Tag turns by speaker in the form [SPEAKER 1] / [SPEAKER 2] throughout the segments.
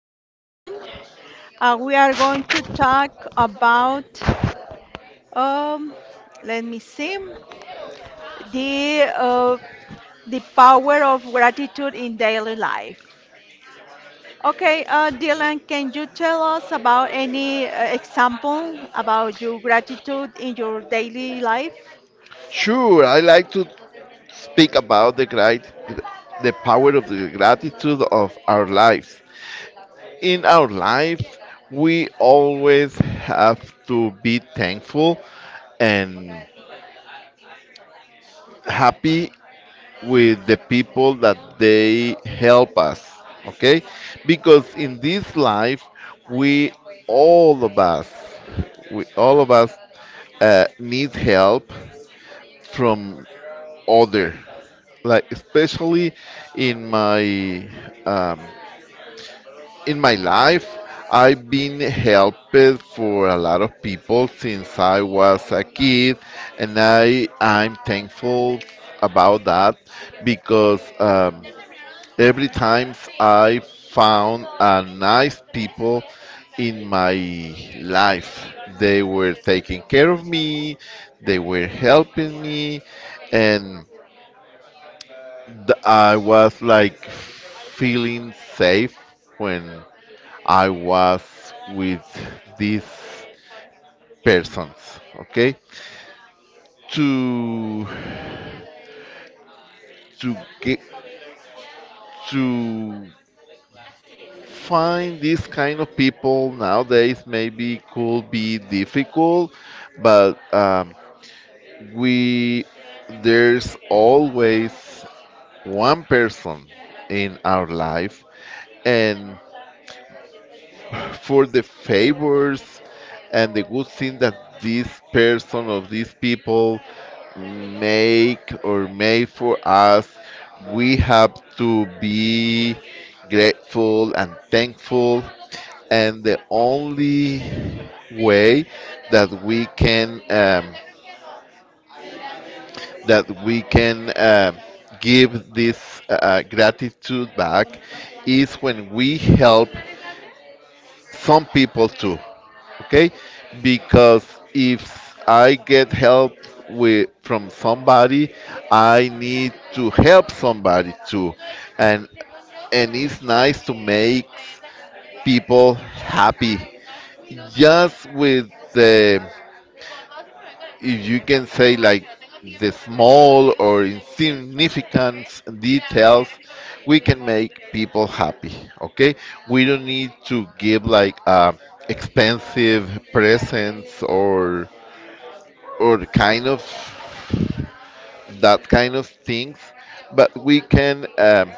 [SPEAKER 1] here again. We are going to talk about, um, let me see, the the power of gratitude in daily life. Okay, Dylan, can you tell us about any example about your gratitude in your daily life?
[SPEAKER 2] Sure, I like to speak about the great, the power of the gratitude of our lives. In our life, we always have to be thankful and happy with the people that they help us. Okay, because in this life, we all of us, we all of us need help from other, like especially in my um, in my life, I've been helped for a lot of people since I was a kid, and I'm thankful about that, because every time I found a nice people in my life, they were taking care of me, they were helping me, and I was like feeling safe when I was with these persons. Okay, to to get to find these kind of people nowadays maybe could be difficult, but we there's always one person in our life, and for the favors and the good thing that this person or these people make or made for us. We have to be grateful and thankful, and the only way that we can give this gratitude back is when we help some people too. Okay, because if I get help with from somebody, I need to help somebody too. And and it's nice to make people happy just with the, if you can say, like the small or insignificant details, we can make people happy. Okay, we don't need to give like expensive presents, or kind of, that kind of things, but we can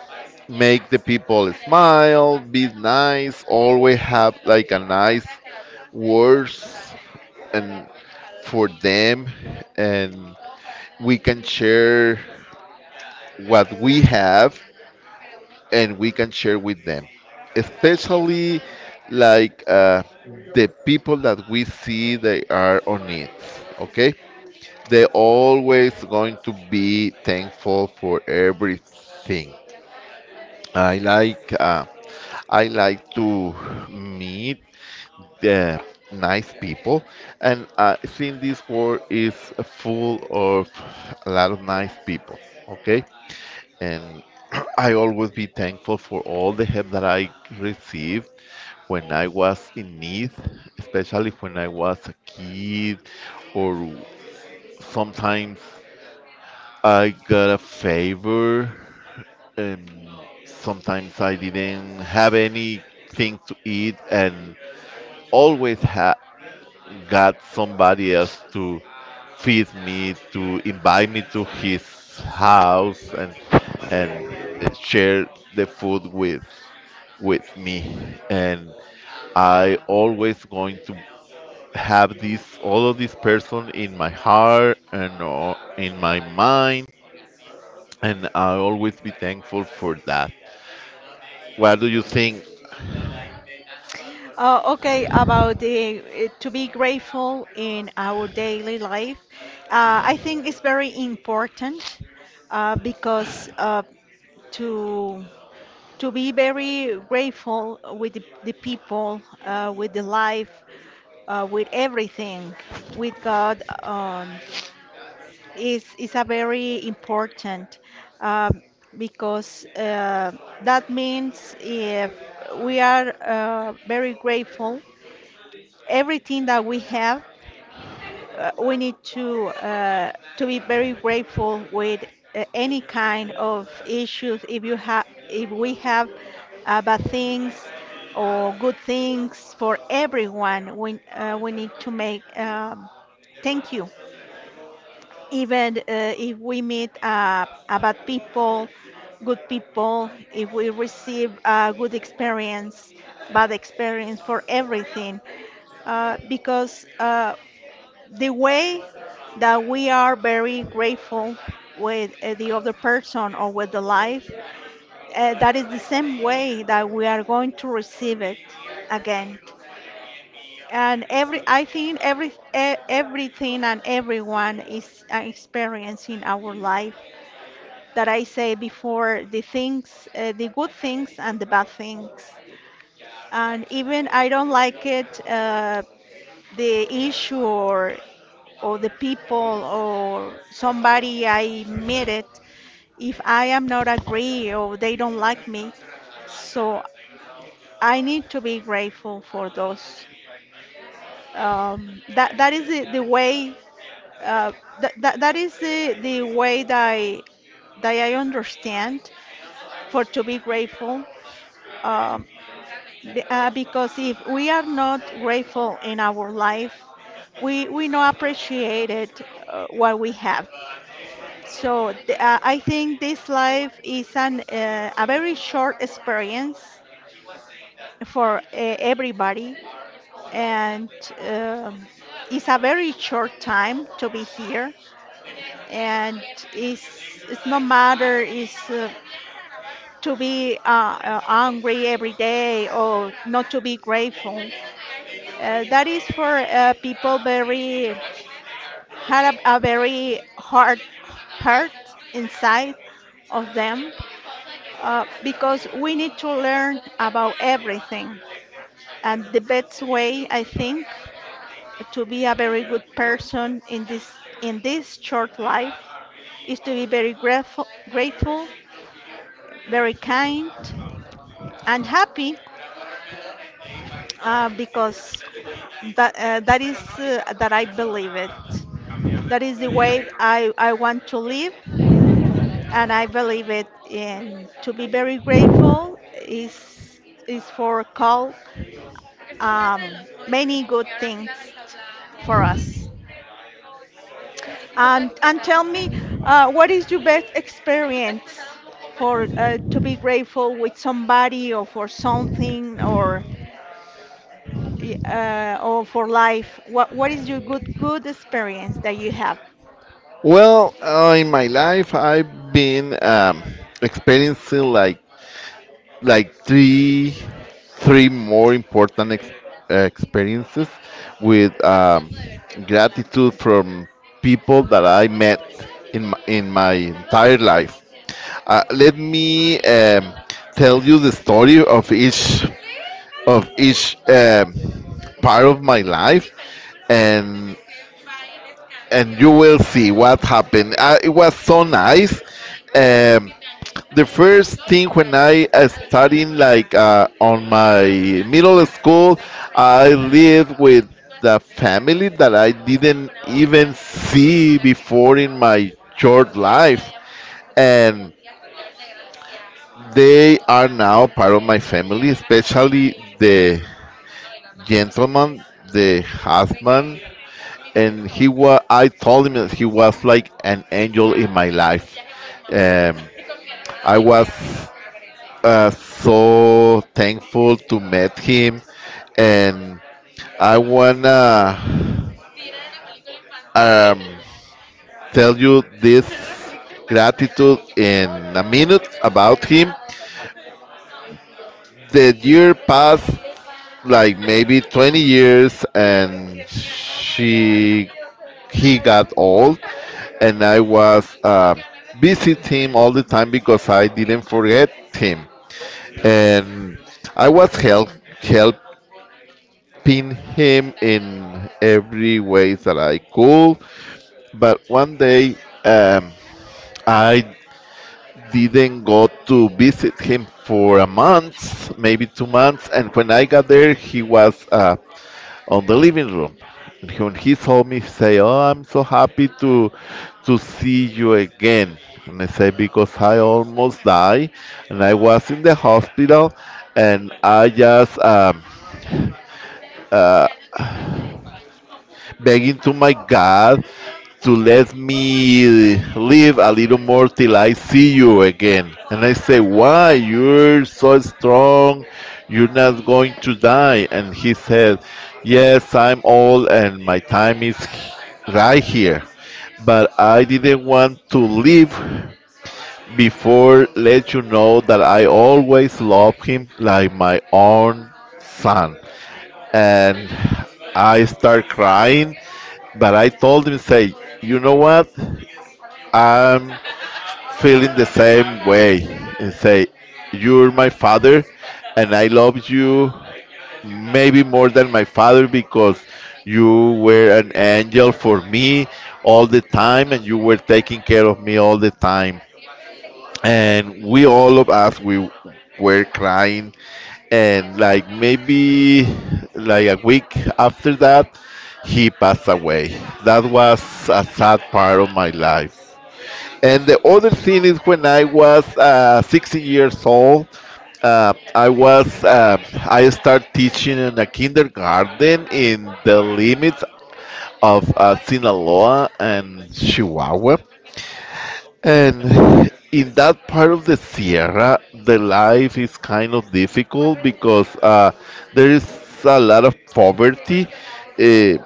[SPEAKER 2] make the people smile, be nice, always have like a nice words, and for them, and we can share what we have and we can share with them, especially like the people that we see they are on it. Okay, they're always going to be thankful for everything. I like uh, I like to meet the nice people, and seeing this world is full of a lot of nice people. Okay, and I always be thankful for all the help that I received when I was in need, especially when I was a kid, or sometimes I got a favor. And sometimes I didn't have anything to eat, and always ha- got somebody else to feed me, to invite me to his house and and share the food with me. And I always going to have this, all of this person in my heart and in my mind, and I'll always be thankful for that. What do you think?
[SPEAKER 1] Okay, about the to be grateful in our daily life, I think it's very important because to to be very grateful with the people, with the life, with everything, with God, is a very important um, because that means if we are very grateful everything that we have, we need to be very grateful with any kind of issues. If you have, if we have bad things or good things for everyone, we need to make thank you. Even if we meet a bad people, good people, if we receive a good experience, bad experience for everything because the way that we are very grateful with the other person or with the life, that is the same way that we are going to receive it again. And every, I think every, e- Everything and everyone is experiencing our life. That I say before, the things, the good things and the bad things. And even I don't like it, the issue or the people or somebody I met it, if I am not agree or they don't like me, so I need to be grateful for those. That is the way uh, that is the way that that I understand for to be grateful. Um, because if we are not grateful in our life, we not appreciate it what we have. So I think this life is an a very short experience for everybody, and um it's a very short time to be here. And it's no matter is to be angry every day or not to be grateful. That is for people very had a very hard hurt inside of them because we need to learn about everything. And the best way, I think, to be a very good person in this short life is to be very grateful, very kind, and happy, because that is that I believe it. That is the way I want to live, and I believe it. In to be very grateful is for call many good things for us. And tell me, what is your best experience for to be grateful with somebody or for something or or for life? What is your good experience that you have?
[SPEAKER 2] Well, in my life, I've been experiencing like like three more important experiences with gratitude from people that I met in my entire life. Let me tell you the story of each part of my life, and and you will see what happened. It was so nice. Um, the first thing when I studying like on my middle school, I lived with the family that I didn't even see before in my short life, and they are now part of my family, especially the gentleman, the husband, and he was. I told him that he was like an angel in my life. Um, I was so thankful to meet him, and I wanna um, tell you this gratitude in a minute about him. The year passed like maybe 20 years, and she he got old, and I was visit him all the time because I didn't forget him, and I was help helping him in every way that I could. But one day, um, I didn't go to visit him for a month, maybe 2 months. And when I got there, he was on the living room. And when he saw me, he say, "Oh, I'm so happy to see you again." And I say, "Because I almost died, and I was in the hospital, and I just." Uh, Begging to my God to let me live a little more till I see you again. And I say, why? You're so strong. You're not going to die. And he said, yes, I'm old and my time is right here. But I didn't want to leave before let you know that I always love him like my own son. And I start crying. But I told him, say, you know what? I'm feeling the same way, and say, you're my father, and I love you maybe more than my father, because you were an angel for me all the time, and you were taking care of me all the time. And we all of us we were crying, and like maybe like a week after that, he passed away. That was a sad part of my life. And the other thing is when I was 16 years old. Uh, i was uh, I started teaching in a kindergarten in the limits of Sinaloa and Chihuahua, and in that part of the Sierra, the life is kind of difficult because there is a lot of poverty. Uh,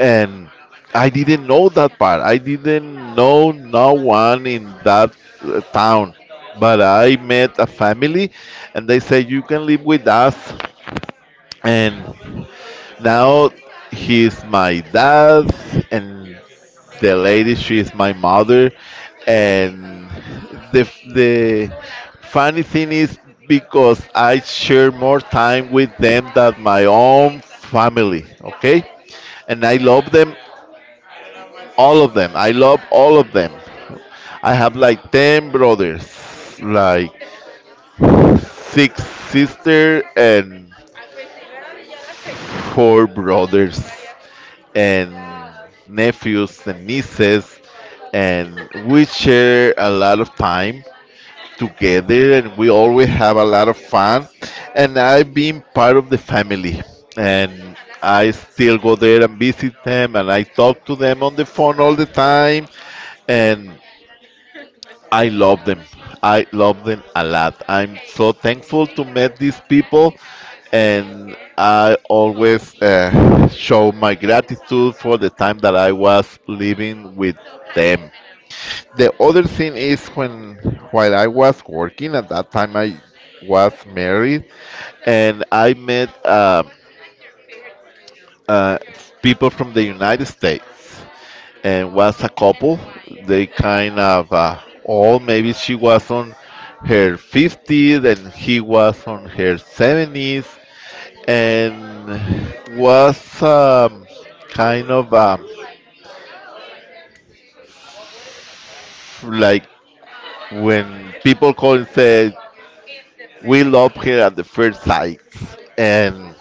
[SPEAKER 2] and I didn't know that part. I didn't know no one in that town. But I met a family, and they said, you can live with us. And now he's my dad, and the lady, she is my mother. And the funny thing is because I share more time with them than my own family. Okay, and I love them, all of them. I love all of them. I have like ten brothers, like six sisters, and four brothers and nephews and nieces, and we share a lot of time together, and we always have a lot of fun. And I've been part of the family, and I still go there and visit them, and I talk to them on the phone all the time, and I love them. I love them a lot. I'm so thankful to meet these people, and I always show my gratitude for the time that I was living with them. The other thing is when, while I was working at that time, I was married, and I met uh, people from the United States, and was a couple. They kind of all, maybe she was on her 50s and he was on her 70s, and was kind of like when people call and say we love her at the first sight. And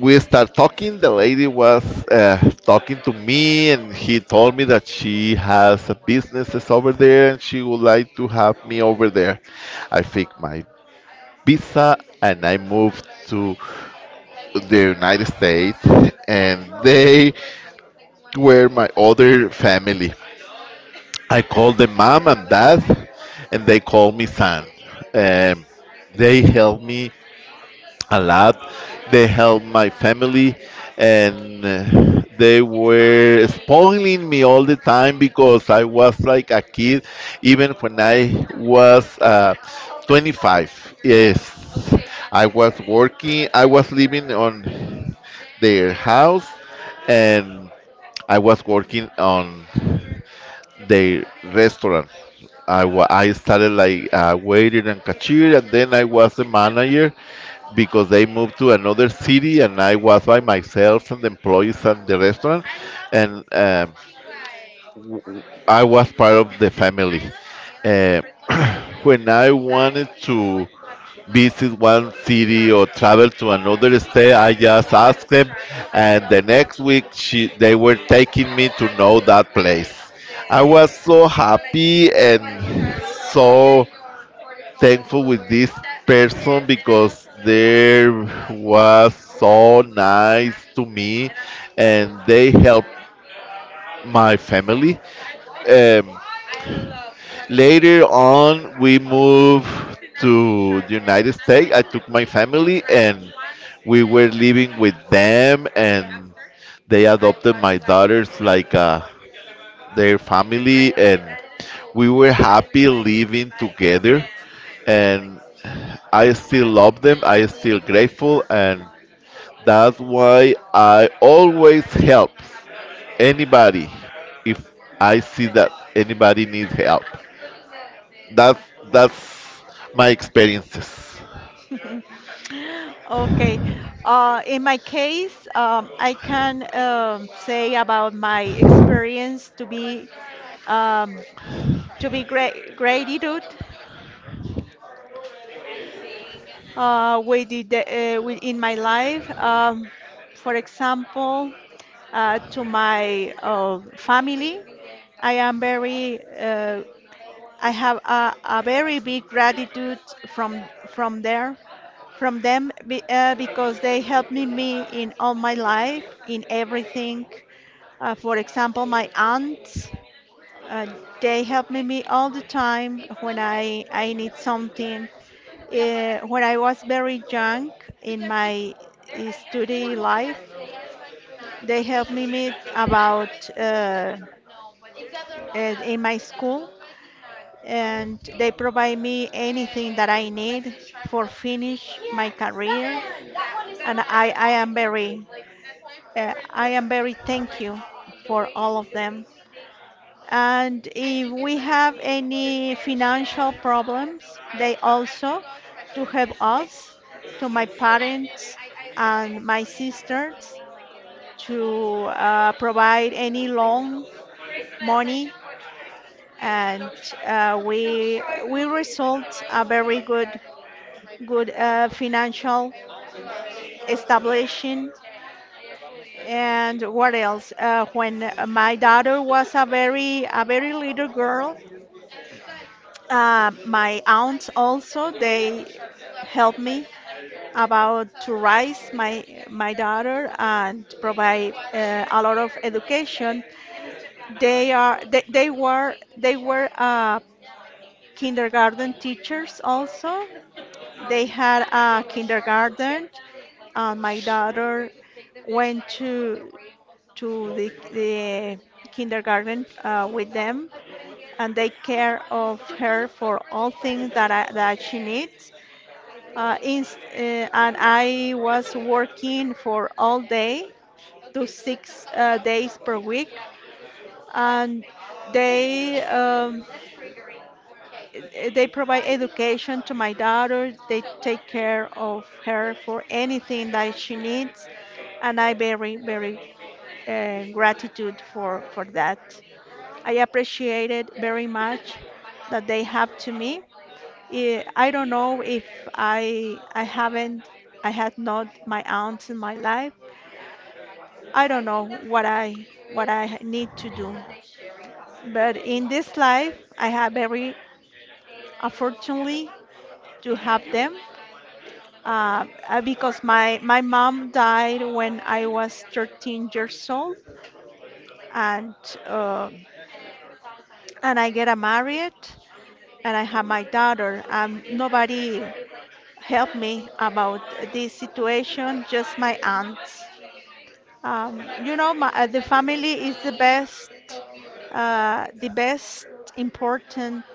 [SPEAKER 2] we start talking. The lady was talking to me, and he told me that she has a businesses over there, and she would like to have me over there. I fixed my visa, and I moved to the United States, and they were my other family. I called them mom and dad, and they called me son. Um, they helped me a lot. They helped my family, and they were spoiling me all the time because I was like a kid, even when I was 25. Yes, I was working. I was living on their house, and I was working on the restaurant. I started like waiter and cashier, and then I was the manager because they moved to another city, and I was by myself and the employees and the restaurant. And I was part of the family. Uh, when I wanted to visit one city or travel to another state, I just asked them, and the next week they were taking me to know that place. I was so happy and so thankful with this person because they was so nice to me and they helped my family. Um, later on, we moved to the United States. I took my family and we were living with them, and they adopted my daughters like their family, and we were happy living together. And I still love them. I still grateful, and that's why I always help anybody if I see that anybody needs help. That's that's my experiences.
[SPEAKER 1] Okay. In my case, I can say about my experience to be um, to be gra gratitude with in my life. For example, to my family, I am very I have a very big gratitude from there from them because they helped me in all my life in everything. For example, my aunt. Uh, they help me all the time when I need something. When I was very young in my study life, they helped me meet about in my school, and they provide me anything that I need for finish my career. And I am very thank you for all of them. And if we have any financial problems, they also to help us, to my parents and my sisters, to provide any loan money, and we result a very good financial establishing. And what else? When my daughter was a very little girl, my aunts also they help me about to raise my daughter and provide a lot of education. They are they were kindergarten teachers also. They had a kindergarten, and my daughter went to the kindergarten with them, and they care of her for all things that she needs. And I was working for all day to six days per week, and they they provide education to my daughter. They take care of her for anything that she needs, and I very gratitude for that. I appreciated very much that they have to me. I don't know if I haven't I had not my aunt in my life. I don't know what I need to do. But in this life, I have very unfortunately to have them because my mom died when I was 13 years old, and uh, I get a married and I have my daughter. Nobody helped me about this situation, just my aunts. You know, the family is the best important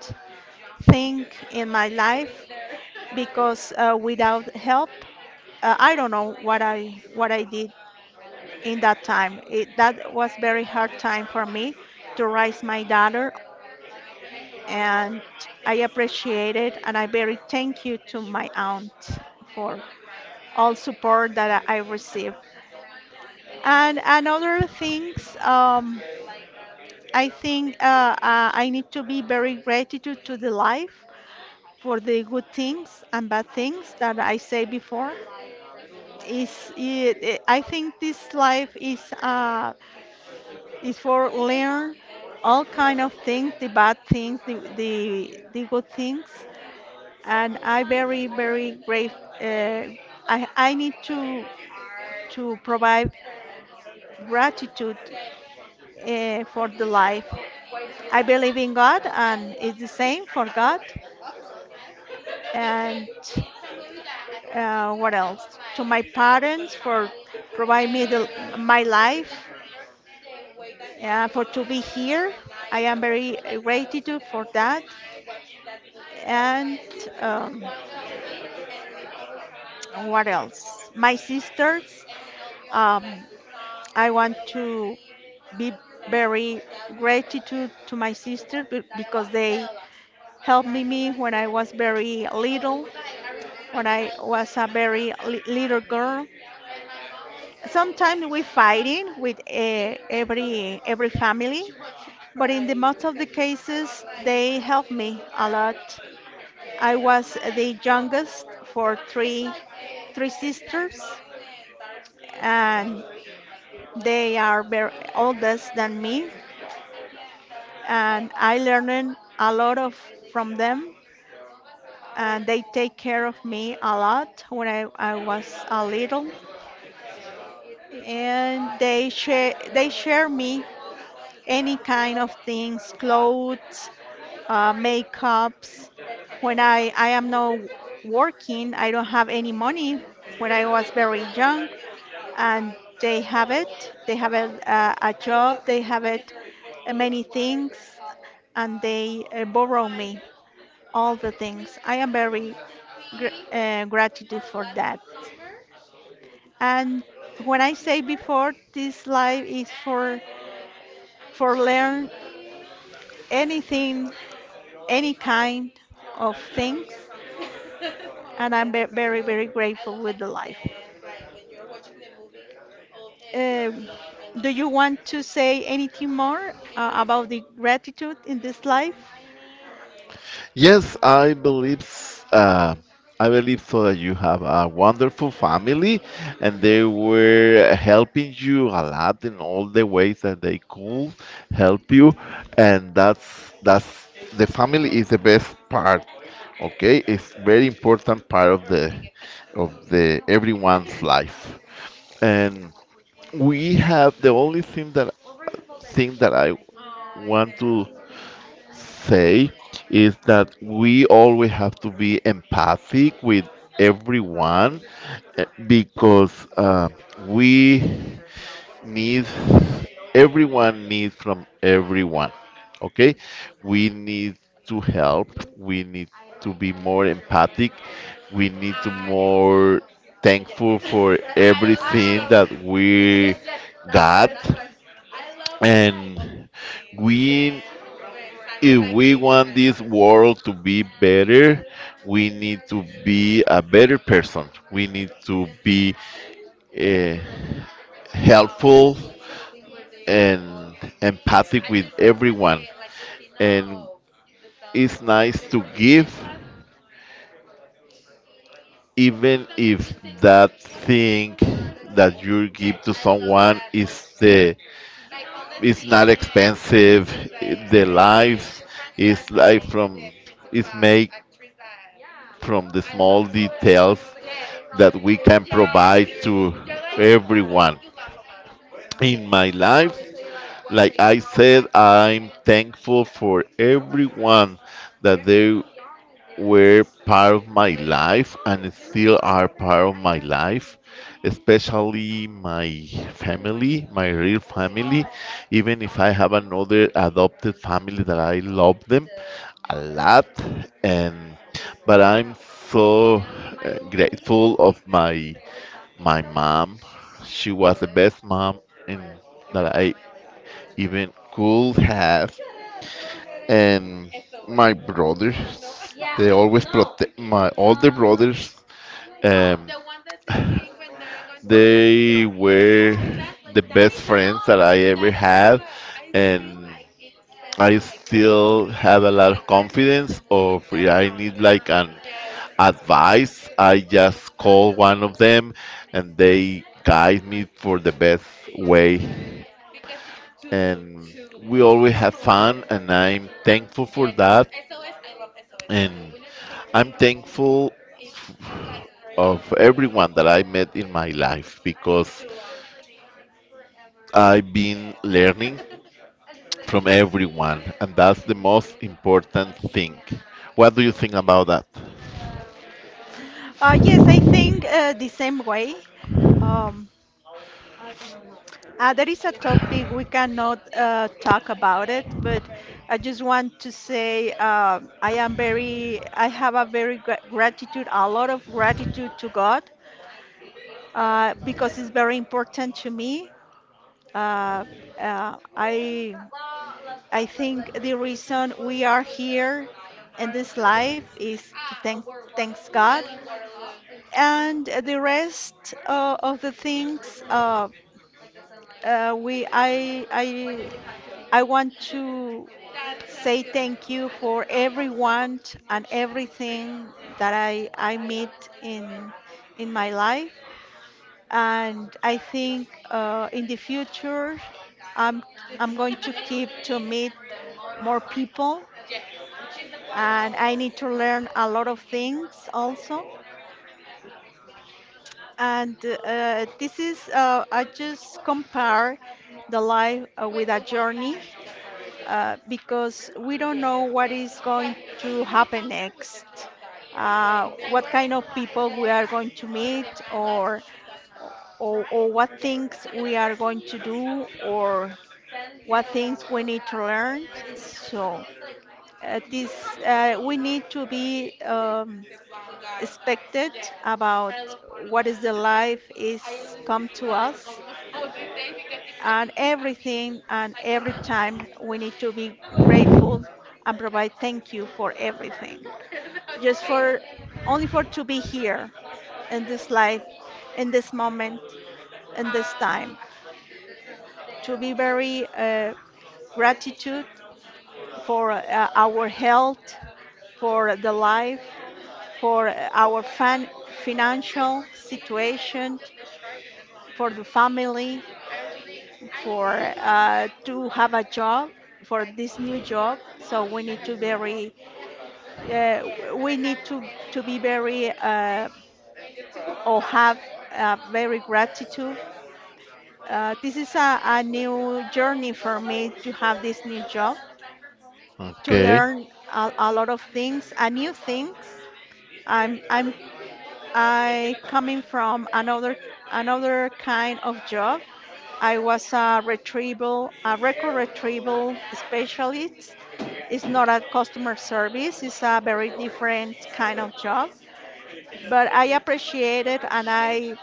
[SPEAKER 1] thing in my life because without help, I don't know what I did in that time. That was very hard time for me to raise my daughter, and I appreciate it, and I very thank you to my aunt for all support that I received. And other things. I think I need to be very gratitude to the life for the good things and bad things that I say before. I think this life is for learn all kind of things, the bad things, the good things, and I very great. Uh, I need to provide gratitude for the life. I believe in God, and it's the same for God. And what else? To my parents for providing me my life, for to be here. I am very gratitude for that. And um, what else? My sisters. Um, I want to be very gratitude to my sister because they helped me when I was very little, when I was a little girl. Sometimes we fighting with every family, but in the most of the cases they help me a lot. I was the youngest for three sisters, and they are very oldest than me, and I learned a lot of from them, and they take care of me a lot when I was a little, and they share me any kind of things, clothes, makeups. When I am not working, I don't have any money when I was very young, and they have it. They have a job, they have it, many things, and they borrow me all the things. I am very gr gratitude for that. And when I say before, this life is for learn anything any kind of things, and I'm very, very grateful with the life. Um do you want to say anything more about the gratitude in this life?
[SPEAKER 2] Yes, I believe so that you have a wonderful family, and they were helping you a lot in all the ways that they could help you, and that's the family is the best part. Okay, it's very important part of the everyone's life, and we have the only thing that I want to say is that we always have to be empathic with everyone, because we need everyone needs from everyone. Okay, we need to help, we need to be more empathic, we need to more thankful for everything that we got. And we if we want this world to be better, we need to be a better person. We need to be uh, helpful and empathic with everyone. And it's nice to give, even if that thing that you give to someone is the, it's not expensive. The lives is Life from is made from the small details that we can provide to everyone. In my life, like I said, I'm thankful for everyone that they were part of my life and still are part of my life, especially my family, my real family. Even if I have another adopted family that I love them a lot, and but I'm so grateful of my mom. She was the best mom in, that I even could have. And my brothers, they always protect, my older brothers, um, they were the best friends that I ever had, and I still have a lot of confidence. Or if I need like an advice, I just call one of them, and they guide me for the best way. And we always have fun, and I'm thankful for that. And I'm thankful f- of everyone that I met in my life, because I've been learning from everyone, and that's the most important thing. What do you think about that?
[SPEAKER 1] Yes, I think the same way. Um, there is a topic we cannot talk about it, but I just want to say I am very, I have a very gratitude, a lot of gratitude to God because it's very important to me. Uh, uh, I I think the reason we are here in this life is to thanks God, and the rest of the things we I want to say thank you for everyone and everything that I meet in my life. And I think in the future I'm I'm going to keep to meet more people, and I need to learn a lot of things also. And this is I just compare the life with a journey because we don't know what is going to happen next, what kind of people we are going to meet, or, or what things we are going to do, or what things we need to learn. So this we need to be expected about what is the life is come to us, and everything and every time we need to be grateful and provide thank you for everything just for only for to be here in this life, in this moment, in this time, to be very gratitude for our health, for the life, for our financial situation, for the family, for to have a job, for this new job. So we need to very uh, we need to be very or have very gratitude. This is a new journey for me to have this new job, to
[SPEAKER 2] Okay.
[SPEAKER 1] learn a lot of things, a new things. i'm i'm I coming from another kind of job. I was a retrieval, a record retrieval specialist. It's not a customer service. It's a very different kind of job. But I appreciate it, and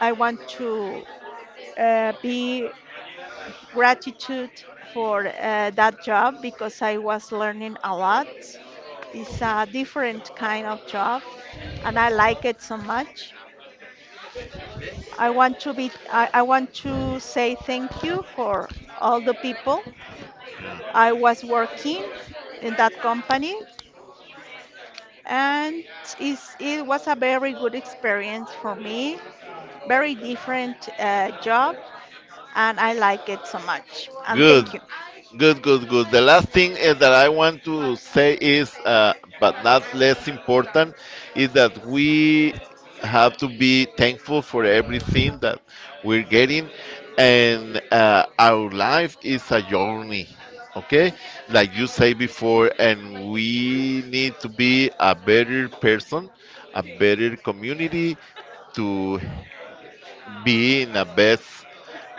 [SPEAKER 1] I want to be gratitude for that job because I was learning a lot. It's a different kind of job, and I like it so much. I want to I want to say thank you for all the people I was working in that company, and it was a very good experience for me, very different job, and I like it so much, and
[SPEAKER 2] Good,
[SPEAKER 1] thank you.
[SPEAKER 2] good. The last thing, that I want to say is, but not less important, is that we have to be thankful for everything that we're getting, and our life is a journey. Okay, like you say before, and we need to be a better person, a better community, to be in a best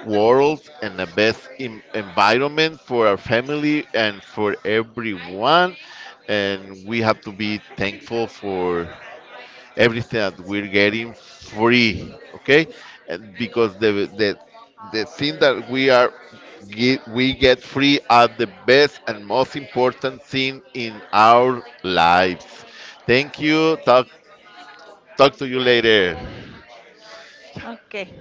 [SPEAKER 2] world and the best environment for our family and for everyone. And we have to be thankful for everything that we're getting free. Okay, and because the thing that we are we get free are the best and most important thing in our lives. Thank you. Talk to you later.
[SPEAKER 1] Okay.